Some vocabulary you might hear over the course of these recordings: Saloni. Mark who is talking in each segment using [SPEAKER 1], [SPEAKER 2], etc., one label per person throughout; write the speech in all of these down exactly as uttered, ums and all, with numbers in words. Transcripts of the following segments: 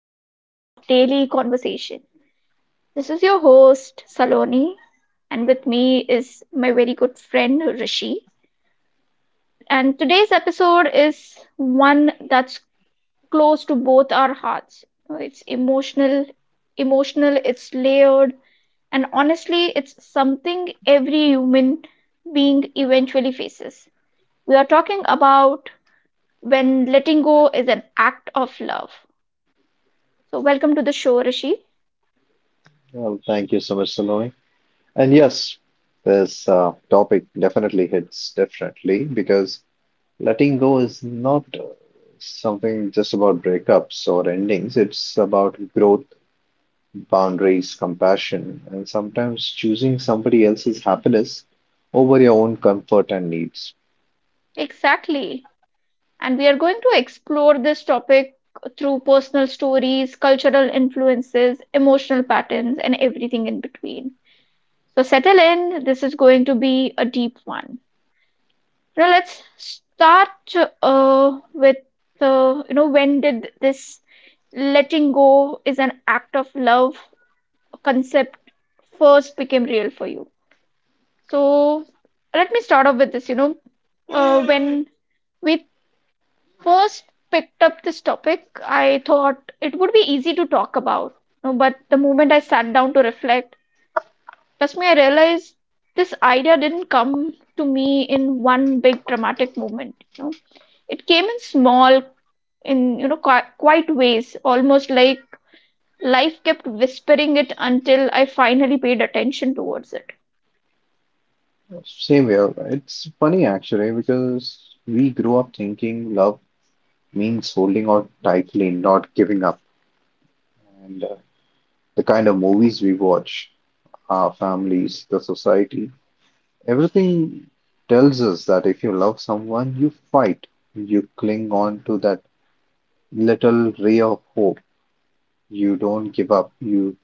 [SPEAKER 1] episode of Daily Conversation. This is your host, Saloni, and with me is my very good friend, Rishi. And today's episode is one that's close to both our hearts. It's emotional, emotional, it's layered, and honestly, it's something every human being eventually faces. We are talking about when letting go is an act of love. So, welcome to the show, Rishi.
[SPEAKER 2] Well, thank you so much, Saloni. And yes, this uh, topic definitely hits differently because letting go is not uh, something just about breakups or endings. It's about growth, boundaries, compassion, and sometimes choosing somebody else's happiness over your own comfort and needs.
[SPEAKER 1] Exactly. And we are going to explore this topic through personal stories, cultural influences, emotional patterns, and everything in between. So, settle in. This is going to be a deep one. Now, let's start uh, with the you know, when did this letting go is an act of love concept first became real for you? So, let me start off with this, you know uh, when we first picked up this topic, I thought it would be easy to talk about. No, but the moment I sat down to reflect, trust me, I realized this idea didn't come to me in one big dramatic moment. You know, it came in small, in you know, qui- quiet ways, almost like life kept whispering it until I finally paid attention towards it.
[SPEAKER 2] Same here. It's funny actually because we grew up thinking love means holding on tightly, not giving up. And uh, the kind of movies we watch, our families, the society. Everything tells us that if you love someone, you fight, you cling on to that little ray of hope, you don't give up, you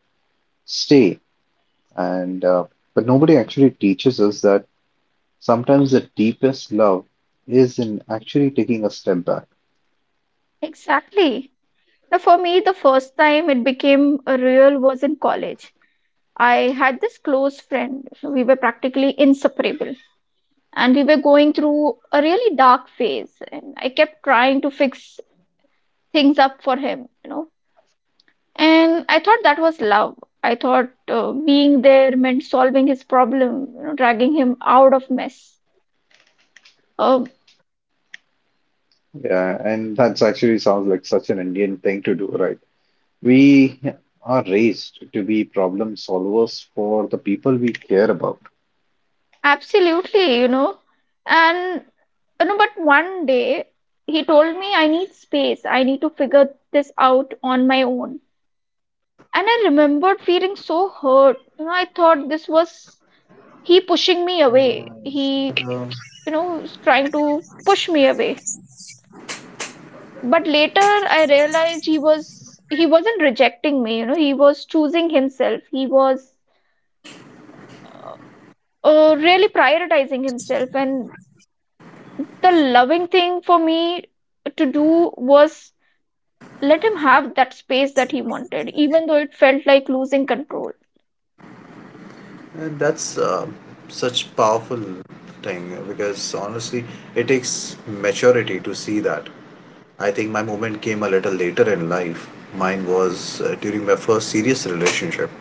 [SPEAKER 2] stay. And uh, but nobody actually teaches us that sometimes the deepest love is in actually taking a step back.
[SPEAKER 1] Exactly. Now, for me, the first time it became a real was in college. I had this close friend. We were practically inseparable, and we were going through a really dark phase. And I kept trying to fix things up for him, you know. And I thought that was love. I thought uh, being there meant solving his problem, you know, dragging him out of mess. Um,
[SPEAKER 2] Yeah, and that's actually sounds like such an Indian thing to do, right? We are raised to be problem solvers for the people we care about.
[SPEAKER 1] absolutely, you know. And you know, but one day he told me I need space. I need to figure this out on my own. And I remembered feeling so hurt. You know, I thought this was he pushing me
[SPEAKER 2] Nice.
[SPEAKER 1] away.
[SPEAKER 2] And, uh,
[SPEAKER 1] He, you know, was trying to push me away. But later I realized he was he wasn't rejecting me, you know, he was choosing himself. He was uh, uh, really prioritizing himself, and the loving thing for me to do was let him have that space that he wanted, even though it felt like losing control.
[SPEAKER 2] and that's uh, such powerful thing because honestly, it takes maturity to see that. I think my moment came a little later in life. Mine was uh, during my first serious relationship.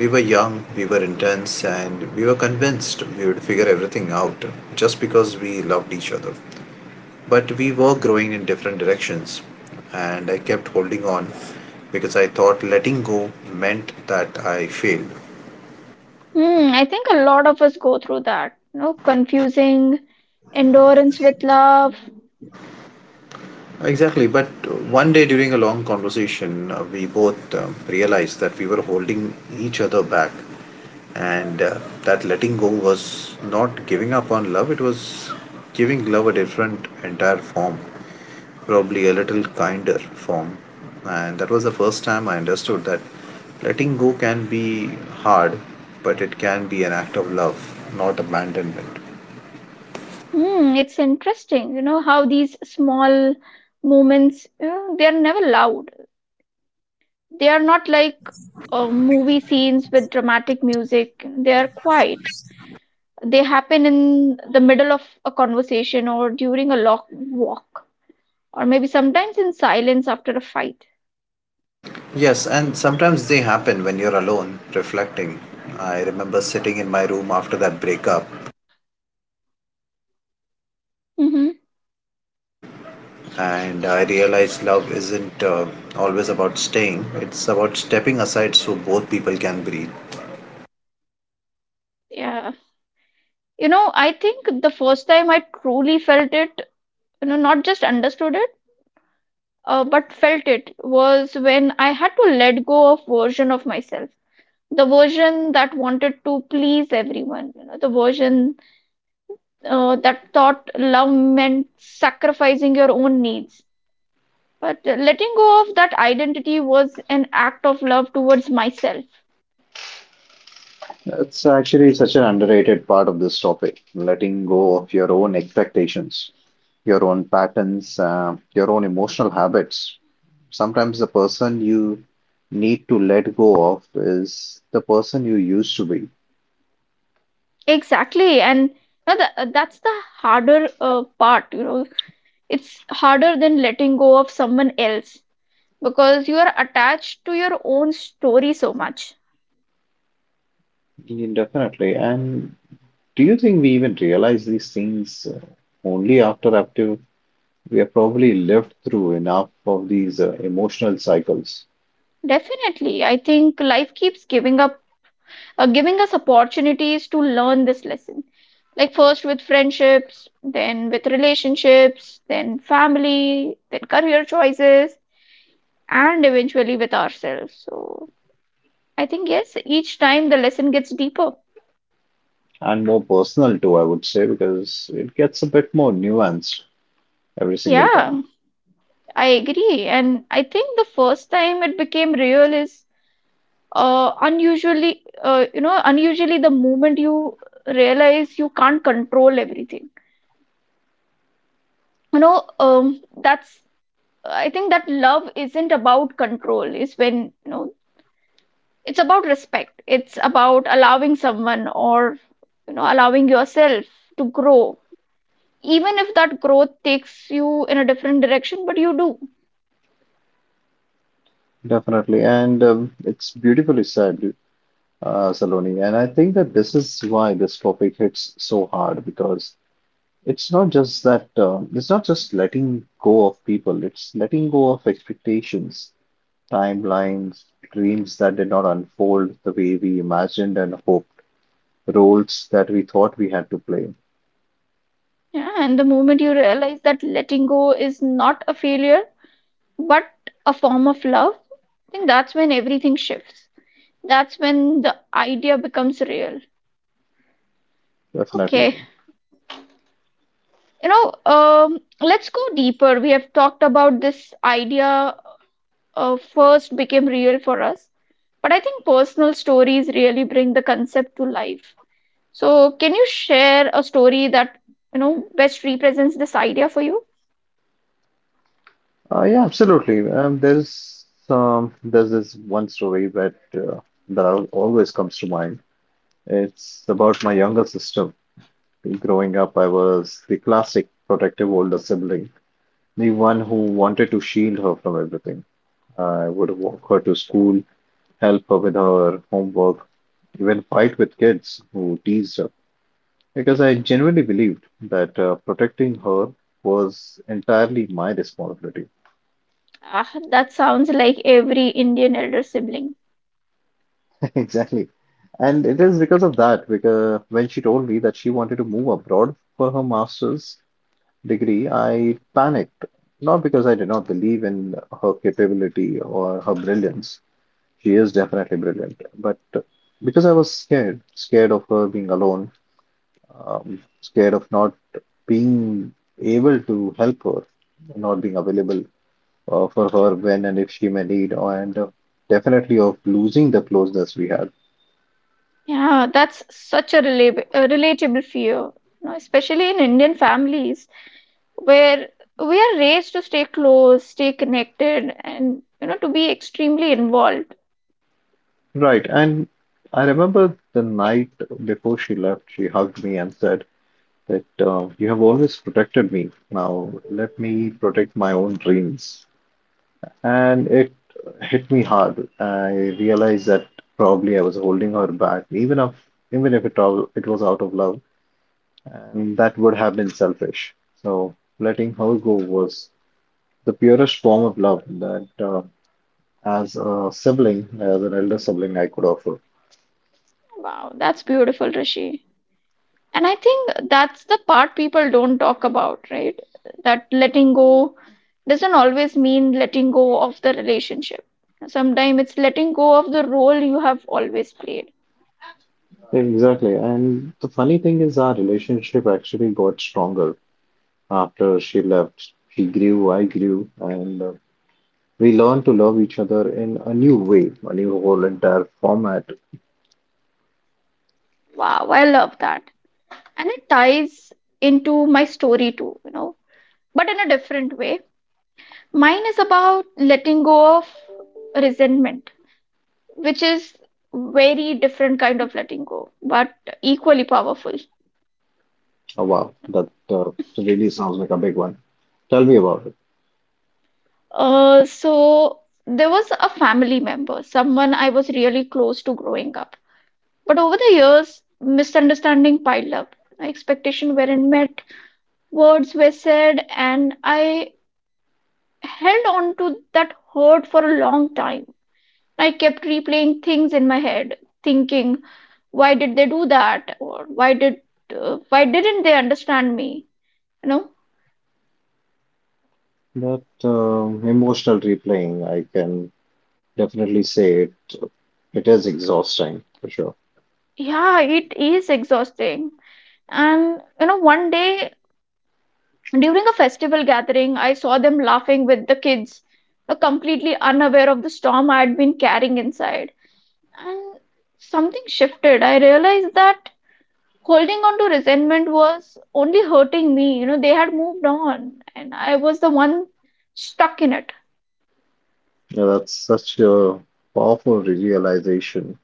[SPEAKER 2] We were young, we were intense, and we were convinced we would figure everything out just because we loved each other. But we were growing in different directions, and I kept holding on because I thought letting go meant that I failed.
[SPEAKER 1] Hmm, I think a lot of us go through that. You know, confusing endurance with love.
[SPEAKER 2] Exactly, but one day during a long conversation, uh, we both um, realized that we were holding each other back, and uh, that letting go was not giving up on love, it was giving love a different, entire form, probably a little kinder form. And that was the first time I understood that letting go can be hard, but it can be an act of love, not abandonment.
[SPEAKER 1] Hmm, it's interesting, you know, how these small moments, you know, they are never loud. They are not like uh, movie scenes with dramatic music. They are quiet. They happen in the middle of a conversation or during a long walk, or maybe sometimes in silence after a fight.
[SPEAKER 2] Yes, and sometimes they happen when you're alone, reflecting. I remember sitting in my room after that breakup,
[SPEAKER 1] Mm-hmm.
[SPEAKER 2] and I realized love isn't uh, always about staying, it's about stepping aside so both people can breathe.
[SPEAKER 1] Yeah. You know, I think the first time I truly felt it, you know not just understood it, uh, but felt it, was when I had to let go of version of myself, the version that wanted to please everyone, you know the version uh, that thought love meant sacrificing your own needs. But uh, letting go of that identity was an act of love towards myself.
[SPEAKER 2] It's actually such an underrated part of this topic, letting go of your own expectations, your own patterns, uh, your own emotional habits. Sometimes the person you need to let go of is the person you used to be.
[SPEAKER 1] Exactly. And you know, the, that's the harder uh, part, you know it's harder than letting go of someone else, because you are attached to your own story so much.
[SPEAKER 2] Yeah, definitely. And do you think we even realize these things uh, only after after we have probably lived through enough of these uh, emotional cycles,
[SPEAKER 1] Definitely, I think life keeps giving up uh, giving us opportunities to learn this lesson, like first with friendships, then with relationships, then family, then career choices, and eventually with ourselves. So, I think, yes, each time the lesson gets deeper.
[SPEAKER 2] and more personal too, I would say, because it gets a bit more nuanced every single time.
[SPEAKER 1] Yeah, I agree. And I think the first time it became real is, uh, unusually uh, you know unusually, the moment you realize you can't control everything. You know um, that's, I think, that love isn't about control is when, you know it's about respect, it's about allowing someone, or you know allowing yourself to grow, even if that growth takes you in a different direction, but you do.
[SPEAKER 2] Definitely. And um, it's beautifully said, uh, Saloni. And I think that this is why this topic hits so hard because it's not just that, uh, it's not just letting go of people, it's letting go of expectations, timelines, dreams that did not unfold the way we imagined and hoped, roles that we thought we had to play.
[SPEAKER 1] Yeah, and the moment you realize that letting go is not a failure but a form of love, I think that's when everything shifts. That's when the idea becomes real.
[SPEAKER 2] Definitely.
[SPEAKER 1] Okay, you know, um, let's go deeper. We have talked about this idea uh, first became real for us, but I think personal stories really bring the concept to life. So, can you share a story that you know best represents this idea for you?
[SPEAKER 2] Uh, yeah, absolutely. Um, there's um, there's this one story that uh, that al- always comes to mind. It's about my younger sister. Growing up, I was the classic protective older sibling, the one who wanted to shield her from everything. I would walk her to school, help her with her homework, even fight with kids who teased her. Because I genuinely believed that uh, protecting her was entirely my responsibility.
[SPEAKER 1] Ah, that sounds like every Indian elder sibling.
[SPEAKER 2] Exactly. And it is because of that, because when she told me that she wanted to move abroad for her master's degree, I panicked. Not because I did not believe in her capability or her brilliance. She is definitely brilliant, but because I was scared, scared of her being alone, um, scared of not being able to help her, not being available uh, for her when and if she may need, and uh, definitely of losing the closeness we had.
[SPEAKER 1] Yeah, that's such a relatable, relatable fear, you know, especially in Indian families, where we are raised to stay close, stay connected, and, you know, to be extremely involved.
[SPEAKER 2] Right. And I remember the night before she left, she hugged me and said that uh, you have always protected me. Now let me protect my own dreams. And it hit me hard. I realized that probably I was holding her back, even if even if it all it was out of love and that would have been selfish. So letting her go was the purest form of love that, uh, as a sibling, as an elder sibling, I could offer.
[SPEAKER 1] Wow, that's beautiful, Rishi. And I think that's the part people don't talk about, right? That letting go doesn't always mean letting go of the relationship. Sometimes it's letting go of the role you have always played.
[SPEAKER 2] Exactly. And the funny thing is, our relationship actually got stronger after she left. She grew, I grew, and uh, we learned to love each other in a new way, a new whole entire format.
[SPEAKER 1] Wow, I love that. And it ties into my story too, you know, but in a different way. Mine is about letting go of resentment, which is very different kind of letting go, but equally powerful.
[SPEAKER 2] Oh, wow, that uh, really sounds like a big one. Tell me about it.
[SPEAKER 1] Uh, so, there was a family member, someone I was really close to growing up, but over the years misunderstanding piled up, expectation weren't met, words were said, and I held on to that hurt for a long time. I kept replaying things in my head, thinking why did they do that, or why did uh, why didn't they understand me, you know
[SPEAKER 2] That um emotional replaying, I can definitely say it it is exhausting for sure.
[SPEAKER 1] Yeah, it is exhausting. And you know, one day during a festival gathering, I saw them laughing with the kids, uh, completely unaware of the storm I had been carrying inside. And something shifted. I realized that holding on to resentment was only hurting me. You know, they had moved on, and I was the one stuck in it.
[SPEAKER 2] Yeah, that's such a powerful realization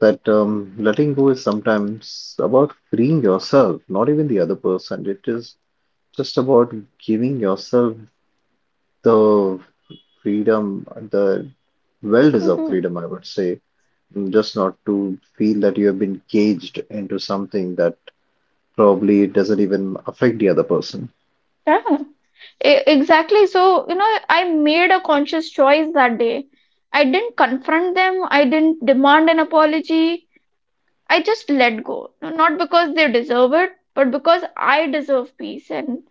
[SPEAKER 2] that um, letting go is sometimes about freeing yourself, not even the other person. It is just about giving yourself the freedom, the well-deserved
[SPEAKER 1] Hmm.
[SPEAKER 2] freedom, I would say, just not to feel that you have been caged into something that probably doesn't even affect the other person.
[SPEAKER 1] Yeah. E- Exactly. So, you know, I made a conscious choice that day. I didn't confront them, I didn't demand an apology. I just let go. No, not because they deserve it, but because I deserve peace. And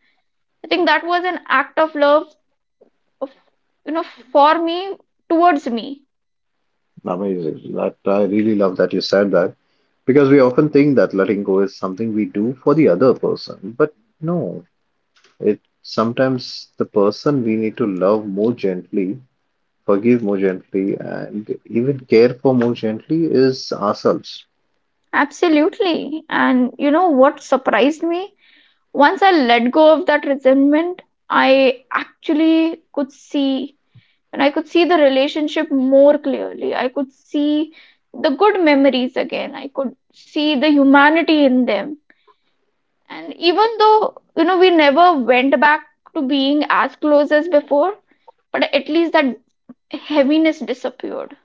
[SPEAKER 1] I think that was an act of love, of, you know, for me, towards me.
[SPEAKER 2] Amazing. That I really love that you said that because we often think that letting go is something we do for the other person, but no, it sometimes the person we need to love more gently, forgive more gently, and even care for more gently is ourselves.
[SPEAKER 1] Absolutely. And you know what surprised me? Once I let go of that resentment, I actually could see and I could see the relationship more clearly. I could see the good memories again. I could see the humanity in them. And even though, you know, we never went back to being as close as before, but at least that heaviness disappeared.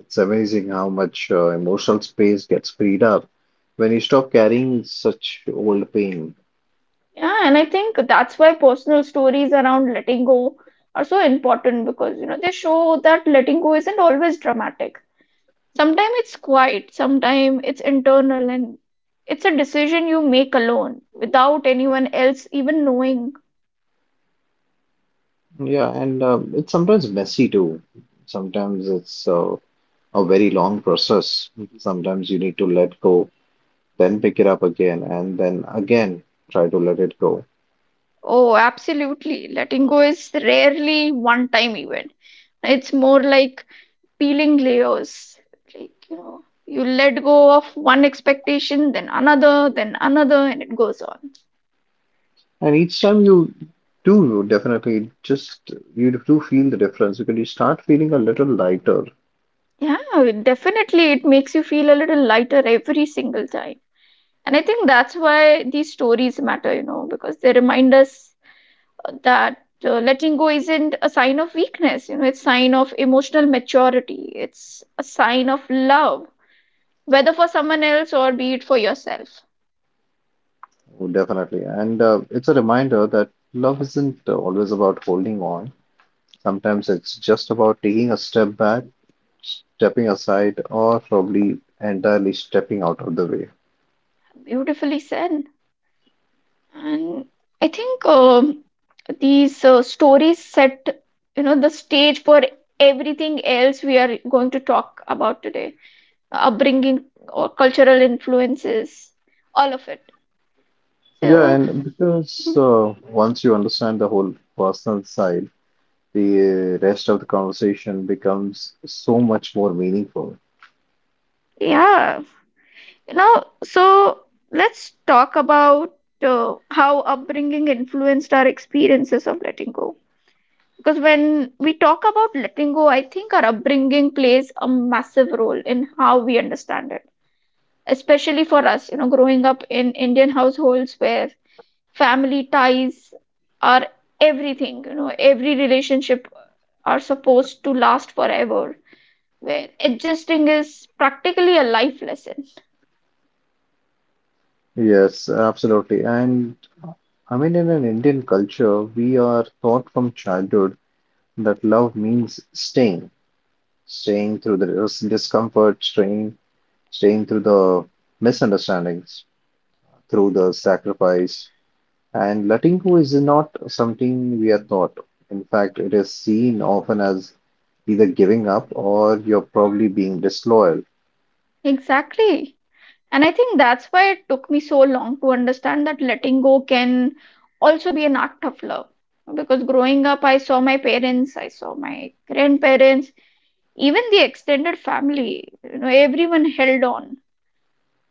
[SPEAKER 2] It's amazing how much uh, emotional space gets freed up when you stop carrying such old pain.
[SPEAKER 1] Yeah, and I think that's why personal stories around letting go are so important, because, you know, they show that letting go isn't always dramatic. Sometimes it's quiet, sometimes it's internal, and it's a decision you make alone without anyone else even knowing.
[SPEAKER 2] Yeah, and um, it's sometimes messy too. Sometimes it's uh, a very long process. Sometimes you need to let go, then pick it up again, and then again try to let it go.
[SPEAKER 1] Oh, absolutely. Letting go is rarely one time event. It's more like peeling layers. Like, you know, you let go of one expectation, then another, then another, and it goes on.
[SPEAKER 2] And each time you do, you definitely just you do feel the difference because you start feeling a little lighter,
[SPEAKER 1] Yeah, definitely. It makes you feel a little lighter every single time. And I think that's why these stories matter, you know, because they remind us that uh, letting go isn't a sign of weakness, you know it's sign of emotional maturity, it's a sign of love, whether for someone else or be it for yourself.
[SPEAKER 2] definitely. And uh, it's a reminder that love isn't always about holding on. Sometimes it's just about taking a step back, stepping aside or probably entirely stepping out of the way.
[SPEAKER 1] Beautifully said. And I think, um, these uh, stories set, you know the stage for everything else we are going to talk about today, upbringing or cultural influences, all of it.
[SPEAKER 2] Yeah,
[SPEAKER 1] So,
[SPEAKER 2] and because uh, once you understand the whole personal side, the rest of the conversation becomes so much more meaningful.
[SPEAKER 1] yeah. You know, so let's talk about uh, how upbringing influenced our experiences of letting go. Because when we talk about letting go, I think our upbringing plays a massive role in how we understand it. Especially for us, you know, growing up in Indian households where family ties are everything, you know, every relationship are supposed to last forever, where adjusting is practically a life lesson.
[SPEAKER 2] Yes, absolutely. And I mean, in an Indian culture, we are taught from childhood that love means staying, staying through the dis- discomfort, staying, staying through the misunderstandings, through the sacrifice, and Latinko is not something we are taught. In fact, it is seen often as either giving up or you're probably being disloyal.
[SPEAKER 1] Exactly. And I think that's why it took me so long to understand that letting go can also be an act of love. Because growing up, I saw my parents, I saw my grandparents, even the extended family, you know, everyone held on.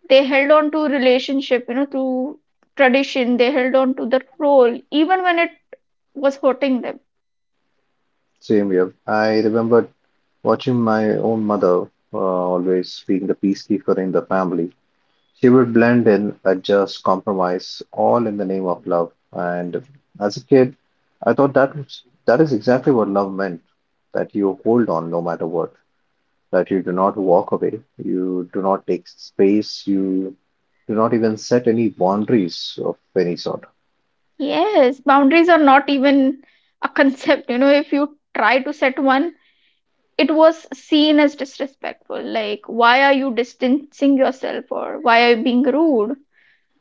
[SPEAKER 1] They held on to relationship, you know, to tradition, they held on to the role, even when it was hurting them.
[SPEAKER 2] Same here. I remember watching my own mother uh, always being the peacekeeper in the family. She would blend in, adjust, compromise, all in the name of love. And as a kid, I thought that was, that is exactly what love meant, that you hold on no matter what, that you do not walk away, you do not take space, you do not even set any boundaries of any sort.
[SPEAKER 1] Yes, boundaries are not even a concept, you know, if you try to set one, it was seen as disrespectful, like why are you distancing yourself or why are you being rude.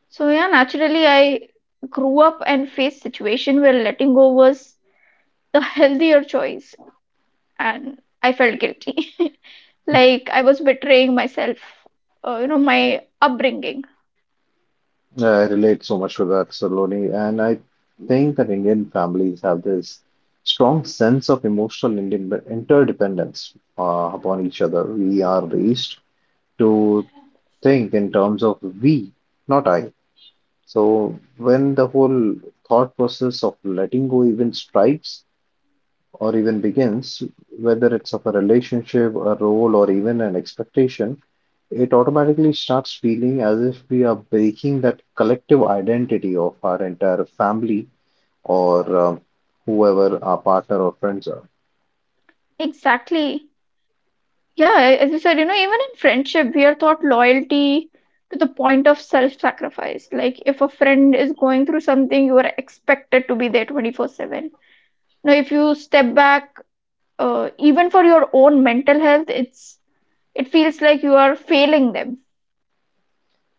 [SPEAKER 1] So, yeah, naturally I grew up and faced situation where letting go was the healthier choice, and I felt guilty, like I was betraying myself, uh, you know my upbringing.
[SPEAKER 2] I relate so much to that, Saloni, and I think that Indian families have this strong sense of emotional inde- interdependence uh, upon each other. We are raised to think in terms of we, not I. So when the whole thought process of letting go even strikes, or even begins, whether it's of a relationship, a role, or even an expectation, it automatically starts feeling as if we are breaking that collective identity of our entire family or uh, whoever our partner or friends are.
[SPEAKER 1] Exactly. Yeah, as you said, you know, even in friendship, we are taught loyalty to the point of self-sacrifice. Like if a friend is going through something, you are expected to be there twenty four seven. Now, if you step back, uh, even for your own mental health, it's it feels like you are failing them.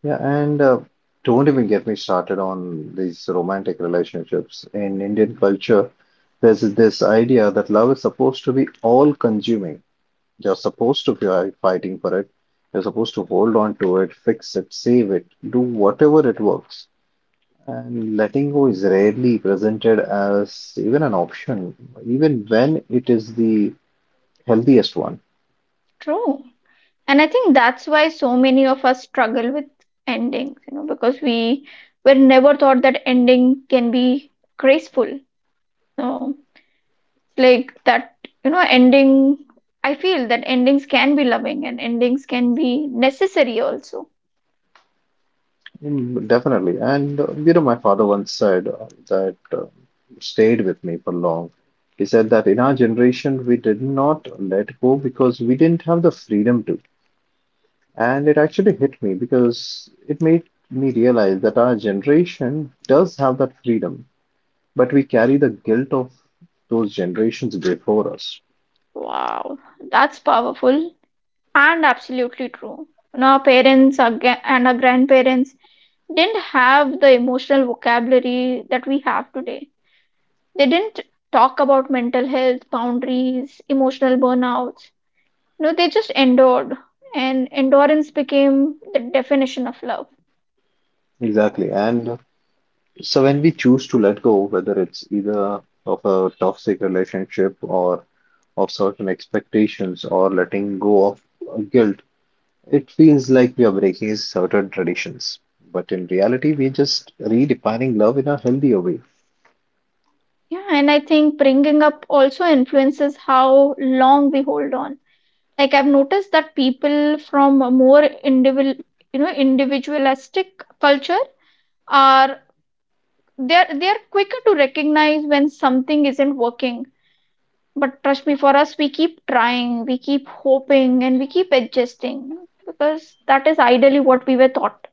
[SPEAKER 2] Yeah, and uh, don't even get me started on these romantic relationships. In Indian culture, there's this idea that love is supposed to be all consuming. You're supposed to, if you're fighting for it, you're supposed to hold on to it, fix it, save it, do whatever it works. And letting go is rarely presented as even an option, even when it is the healthiest one.
[SPEAKER 1] True. And I think that's why so many of us struggle with endings, you know, because we were never taught that ending can be graceful. No. Like that, you know, ending, I feel that endings can be loving and endings can be necessary also.
[SPEAKER 2] Mm, Definitely. And, uh, you know, my father once said uh, that uh, stayed with me for long. He said that in our generation, we did not let go because we didn't have the freedom to. And it actually hit me because it made me realize that our generation does have that freedom, but we carry the guilt of those generations before us.
[SPEAKER 1] Wow, that's powerful and absolutely true. You know, our parents, our gra- and our grandparents didn't have the emotional vocabulary that we have today. They didn't talk about mental health, boundaries, emotional burnouts. No, they just endured, and endurance became the definition of love.
[SPEAKER 2] Exactly. And so when we choose to let go, whether it's either of a toxic relationship or of certain expectations or letting go of uh, guilt, it feels like we are breaking certain traditions. But in reality, we're just redefining love in a healthier way.
[SPEAKER 1] Yeah, and I think bringing up also influences how long we hold on. Like I've noticed that people from a more individual, you know, individualistic culture are they're they're quicker to recognize when something isn't working. But trust me, for us, we keep trying, we keep hoping, and we keep adjusting because that is ideally what we were taught.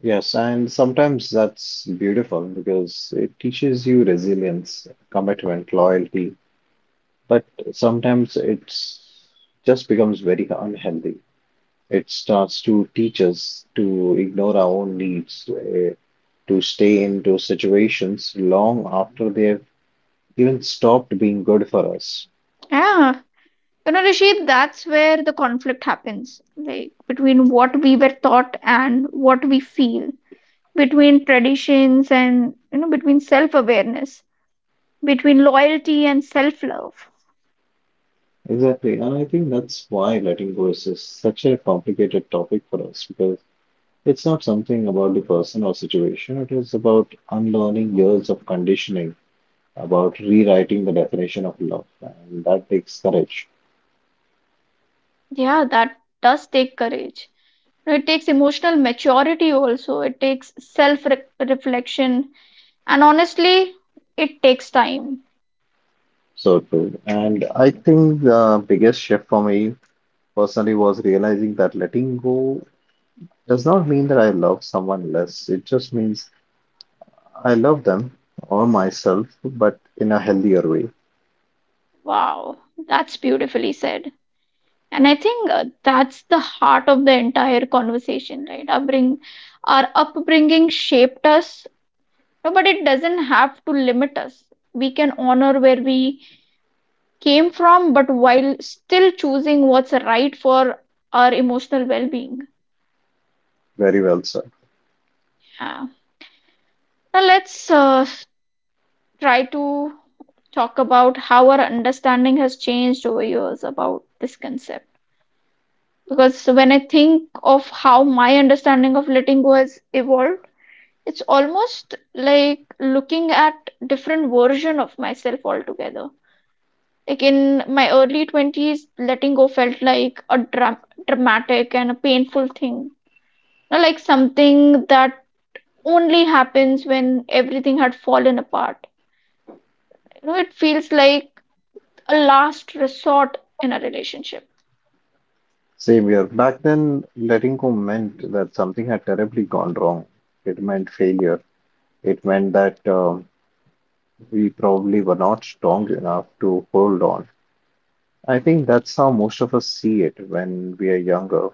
[SPEAKER 2] Yes, and sometimes that's beautiful because it teaches you resilience, commitment, loyalty. But sometimes it's just becomes very unhealthy. It starts to teach us to ignore our own needs, eh, to stay into situations long after they've even stopped being good for us.
[SPEAKER 1] Yeah, you know, Rashid, that's where the conflict happens, like between what we were taught and what we feel, between traditions and, you know, between self-awareness, between loyalty and self-love.
[SPEAKER 2] Exactly, and I think that's why letting go is such a complicated topic for us because it's not something about the person or situation, it is about unlearning years of conditioning, about rewriting the definition of love, and that takes courage.
[SPEAKER 1] Yeah, that does take courage. You know, it takes emotional maturity also. It takes self-reflection. And honestly, it takes time.
[SPEAKER 2] So true. And I think the biggest shift for me personally was realizing that letting go does not mean that I love someone less. It just means I love them or myself, but in a healthier way.
[SPEAKER 1] Wow, that's beautifully said. And I think uh, that's the heart of the entire conversation, right? Our, bring, our upbringing shaped us, no, but it doesn't have to limit us. We can honor where we came from, but while still choosing what's right for our emotional well being.
[SPEAKER 2] Very well said.
[SPEAKER 1] Yeah. Now, let's uh, try to talk about how our understanding has changed over years about this concept. Because when I think of how my understanding of letting go has evolved, it's almost like looking at different version of myself altogether. Like in my early twenties, letting go felt like a dra- dramatic and a painful thing. You know, like something that only happens when everything had fallen apart. You know, it feels like a last resort in a relationship.
[SPEAKER 2] Same here. Back then, letting go meant that something had terribly gone wrong. It meant failure. It meant that um, we probably were not strong enough to hold on. I think that's how most of us see it when we are younger.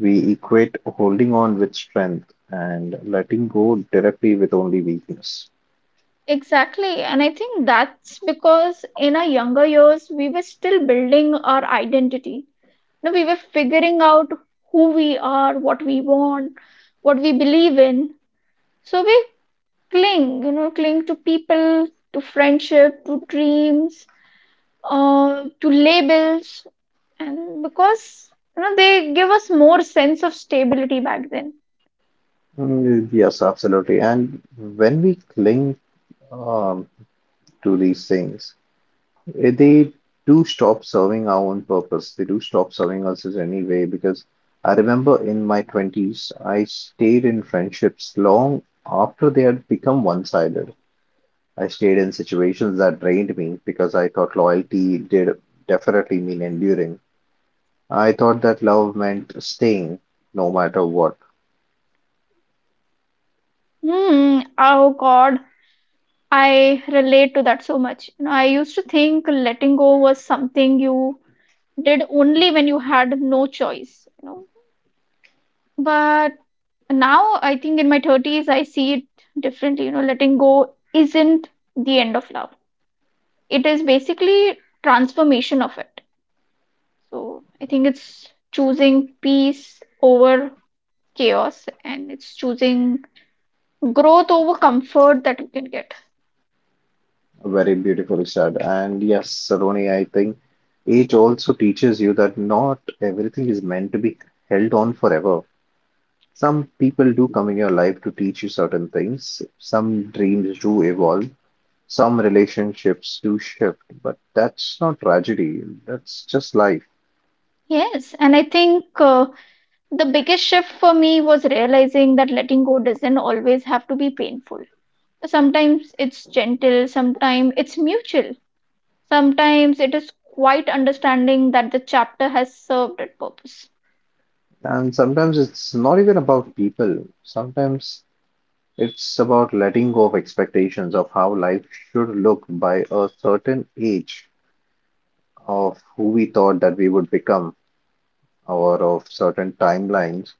[SPEAKER 2] We equate holding on with strength and letting go directly with only weakness.
[SPEAKER 1] Exactly. And I think that's because in our younger years, we were still building our identity. You know, we were figuring out who we are, what we want, what we believe in. So we cling, you know, cling to people, to friendship, to dreams, uh, to labels. And because, you know, they give us more sense of stability back then.
[SPEAKER 2] Mm, yes, absolutely. And when we cling, um, to these things, Eh, they do stop serving our own purpose. They do stop serving us in any way because I remember in my twenties, I stayed in friendships long after they had become one-sided. I stayed in situations that drained me because I thought loyalty did definitely mean enduring. I thought that love meant staying no matter what.
[SPEAKER 1] Hmm. Oh, God. I relate to that so much. You know, I used to think letting go was something you did only when you had no choice, you know. But now I think in my thirties, I see it differently. You know, letting go isn't the end of love. It is basically transformation of it. So I think it's choosing peace over chaos, and it's choosing growth over comfort that you can get.
[SPEAKER 2] Very beautifully said. And yes, Saroni, I think age also teaches you that not everything is meant to be held on forever. Some people do come in your life to teach you certain things. Some dreams do evolve. Some relationships do shift, but that's not tragedy. That's just life.
[SPEAKER 1] Yes, and I think uh, the biggest shift for me was realizing that letting go doesn't always have to be painful. Sometimes it's gentle, sometimes it's mutual, sometimes it is quite understanding that the chapter has served its purpose.
[SPEAKER 2] And sometimes it's not even about people. Sometimes it's about letting go of expectations of how life should look by a certain age, of who we thought that we would become, or of certain timelines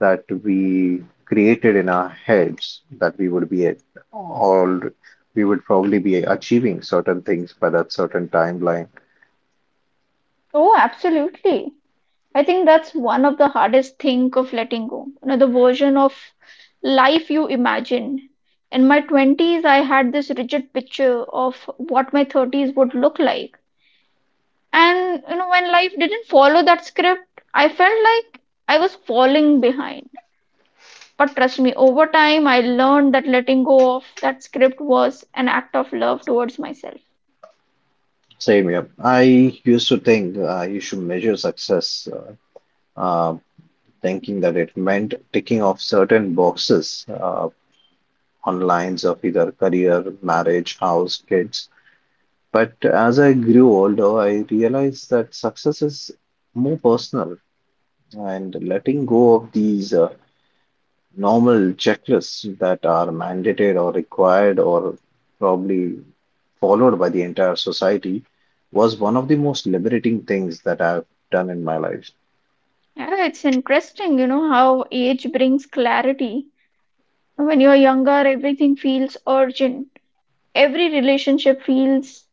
[SPEAKER 2] that we created in our heads, that we would be at all, we would probably be achieving certain things by that certain timeline.
[SPEAKER 1] Oh, absolutely. I think that's one of the hardest thing of letting go. You know, the version of life you imagine. In my twenties, I had this rigid picture of what my thirties would look like. And you know, when life didn't follow that script, I felt like I was falling behind. But trust me, over time, I learned that letting go of that script was an act of love towards myself.
[SPEAKER 2] Same here. I used to think uh, you should measure success, uh, uh, thinking that it meant ticking off certain boxes uh, on lines of either career, marriage, house, kids. But as I grew older, I realized that success is more personal, and letting go of these uh, normal checklists that are mandated or required or probably followed by the entire society was one of the most liberating things that I've done in my life.
[SPEAKER 1] Yeah, it's interesting, you know, how age brings clarity. When you're younger, everything feels urgent. Every relationship feels,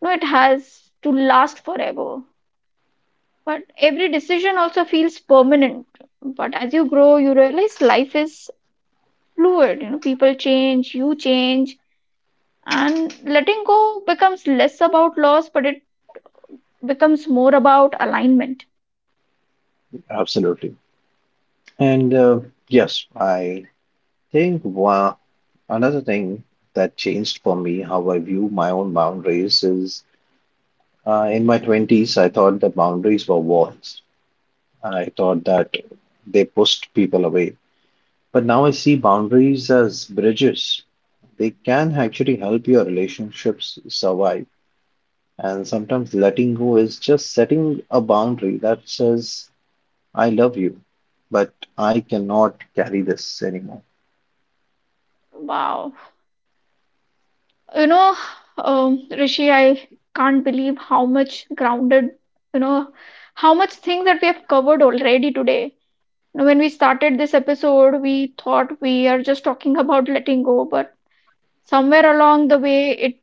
[SPEAKER 1] you know, it has to last forever. But every decision also feels permanent. But as you grow, you realize life is fluid. You know, people change, you change, and letting go becomes less about loss, but it becomes more about alignment.
[SPEAKER 2] Absolutely. And uh, yes, I think one, another thing that changed for me how I view my own boundaries is, uh, in my twenties, I thought that boundaries were walls. I thought that they pushed people away. But now I see boundaries as bridges, they can actually help your relationships survive. And sometimes letting go is just setting a boundary that says, I love you, but I cannot carry this anymore.
[SPEAKER 1] Wow, you know, um, Rishi, I can't believe how much grounded, you know, how much things that we have covered already today. You know, when we started this episode we thought we are just talking about letting go, but somewhere along the way it,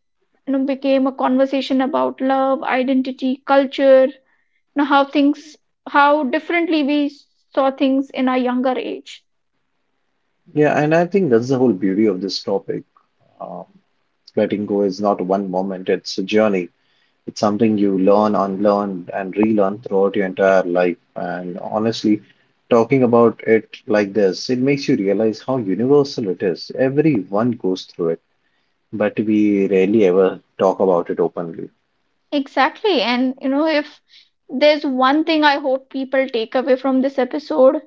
[SPEAKER 1] you know, became a conversation about love, identity, culture, know how things, how differently we saw things in our younger age.
[SPEAKER 2] Yeah, and I think that's the whole beauty of this topic. Um, Letting go is not one moment, it's a journey. It's something you learn, unlearn, and relearn throughout your entire life. And honestly, talking about it like this, it makes you realize how universal it is. Everyone goes through it but we rarely ever talk about it openly.
[SPEAKER 1] Exactly. And you know, if there's one thing I hope people take away from this episode,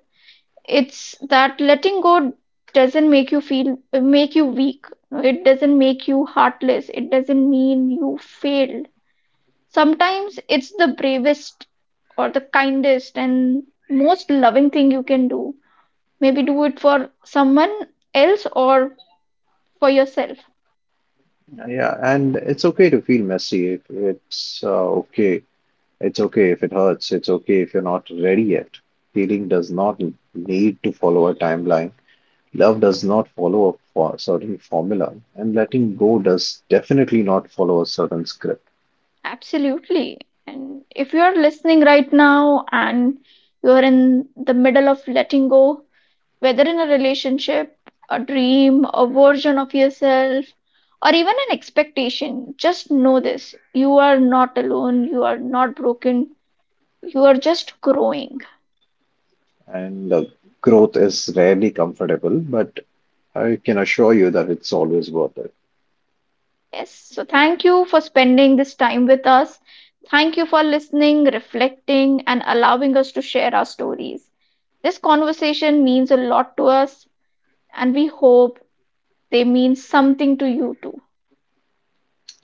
[SPEAKER 1] it's that letting go doesn't make you feel make you weak, it doesn't make you heartless, it doesn't mean you failed. Sometimes it's the bravest or the kindest and most loving thing you can do, maybe do it for someone else or for yourself.
[SPEAKER 2] Yeah, and it's okay to feel messy. If it's uh, okay, It's okay if it hurts. It's okay if you're not ready yet. Healing does not need to follow a timeline. Love does not follow a fo- certain formula, and letting go does definitely not follow a certain script.
[SPEAKER 1] Absolutely. And if you are listening right now and you are in the middle of letting go, whether in a relationship, a dream, a version of yourself, or even an expectation, just know this: you are not alone, you are not broken, you are just growing.
[SPEAKER 2] And uh, growth is rarely comfortable, but I can assure you that it's always worth it.
[SPEAKER 1] Yes. So, thank you for spending this time with us. Thank you for listening, reflecting, and allowing us to share our stories. This conversation means a lot to us and we hope they mean something to you too.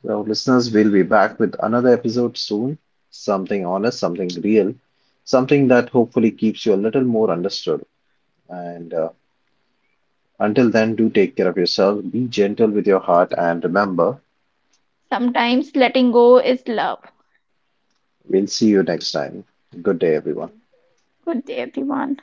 [SPEAKER 2] So, listeners, we'll be back with another episode soon. Something honest, something real, something that hopefully keeps you a little more understood. And uh, until then, do take care of yourself, be gentle with your heart, and remember,
[SPEAKER 1] Sometimes letting go is love.
[SPEAKER 2] we'll see you next time. Good day, everyone.
[SPEAKER 1] Good day, everyone.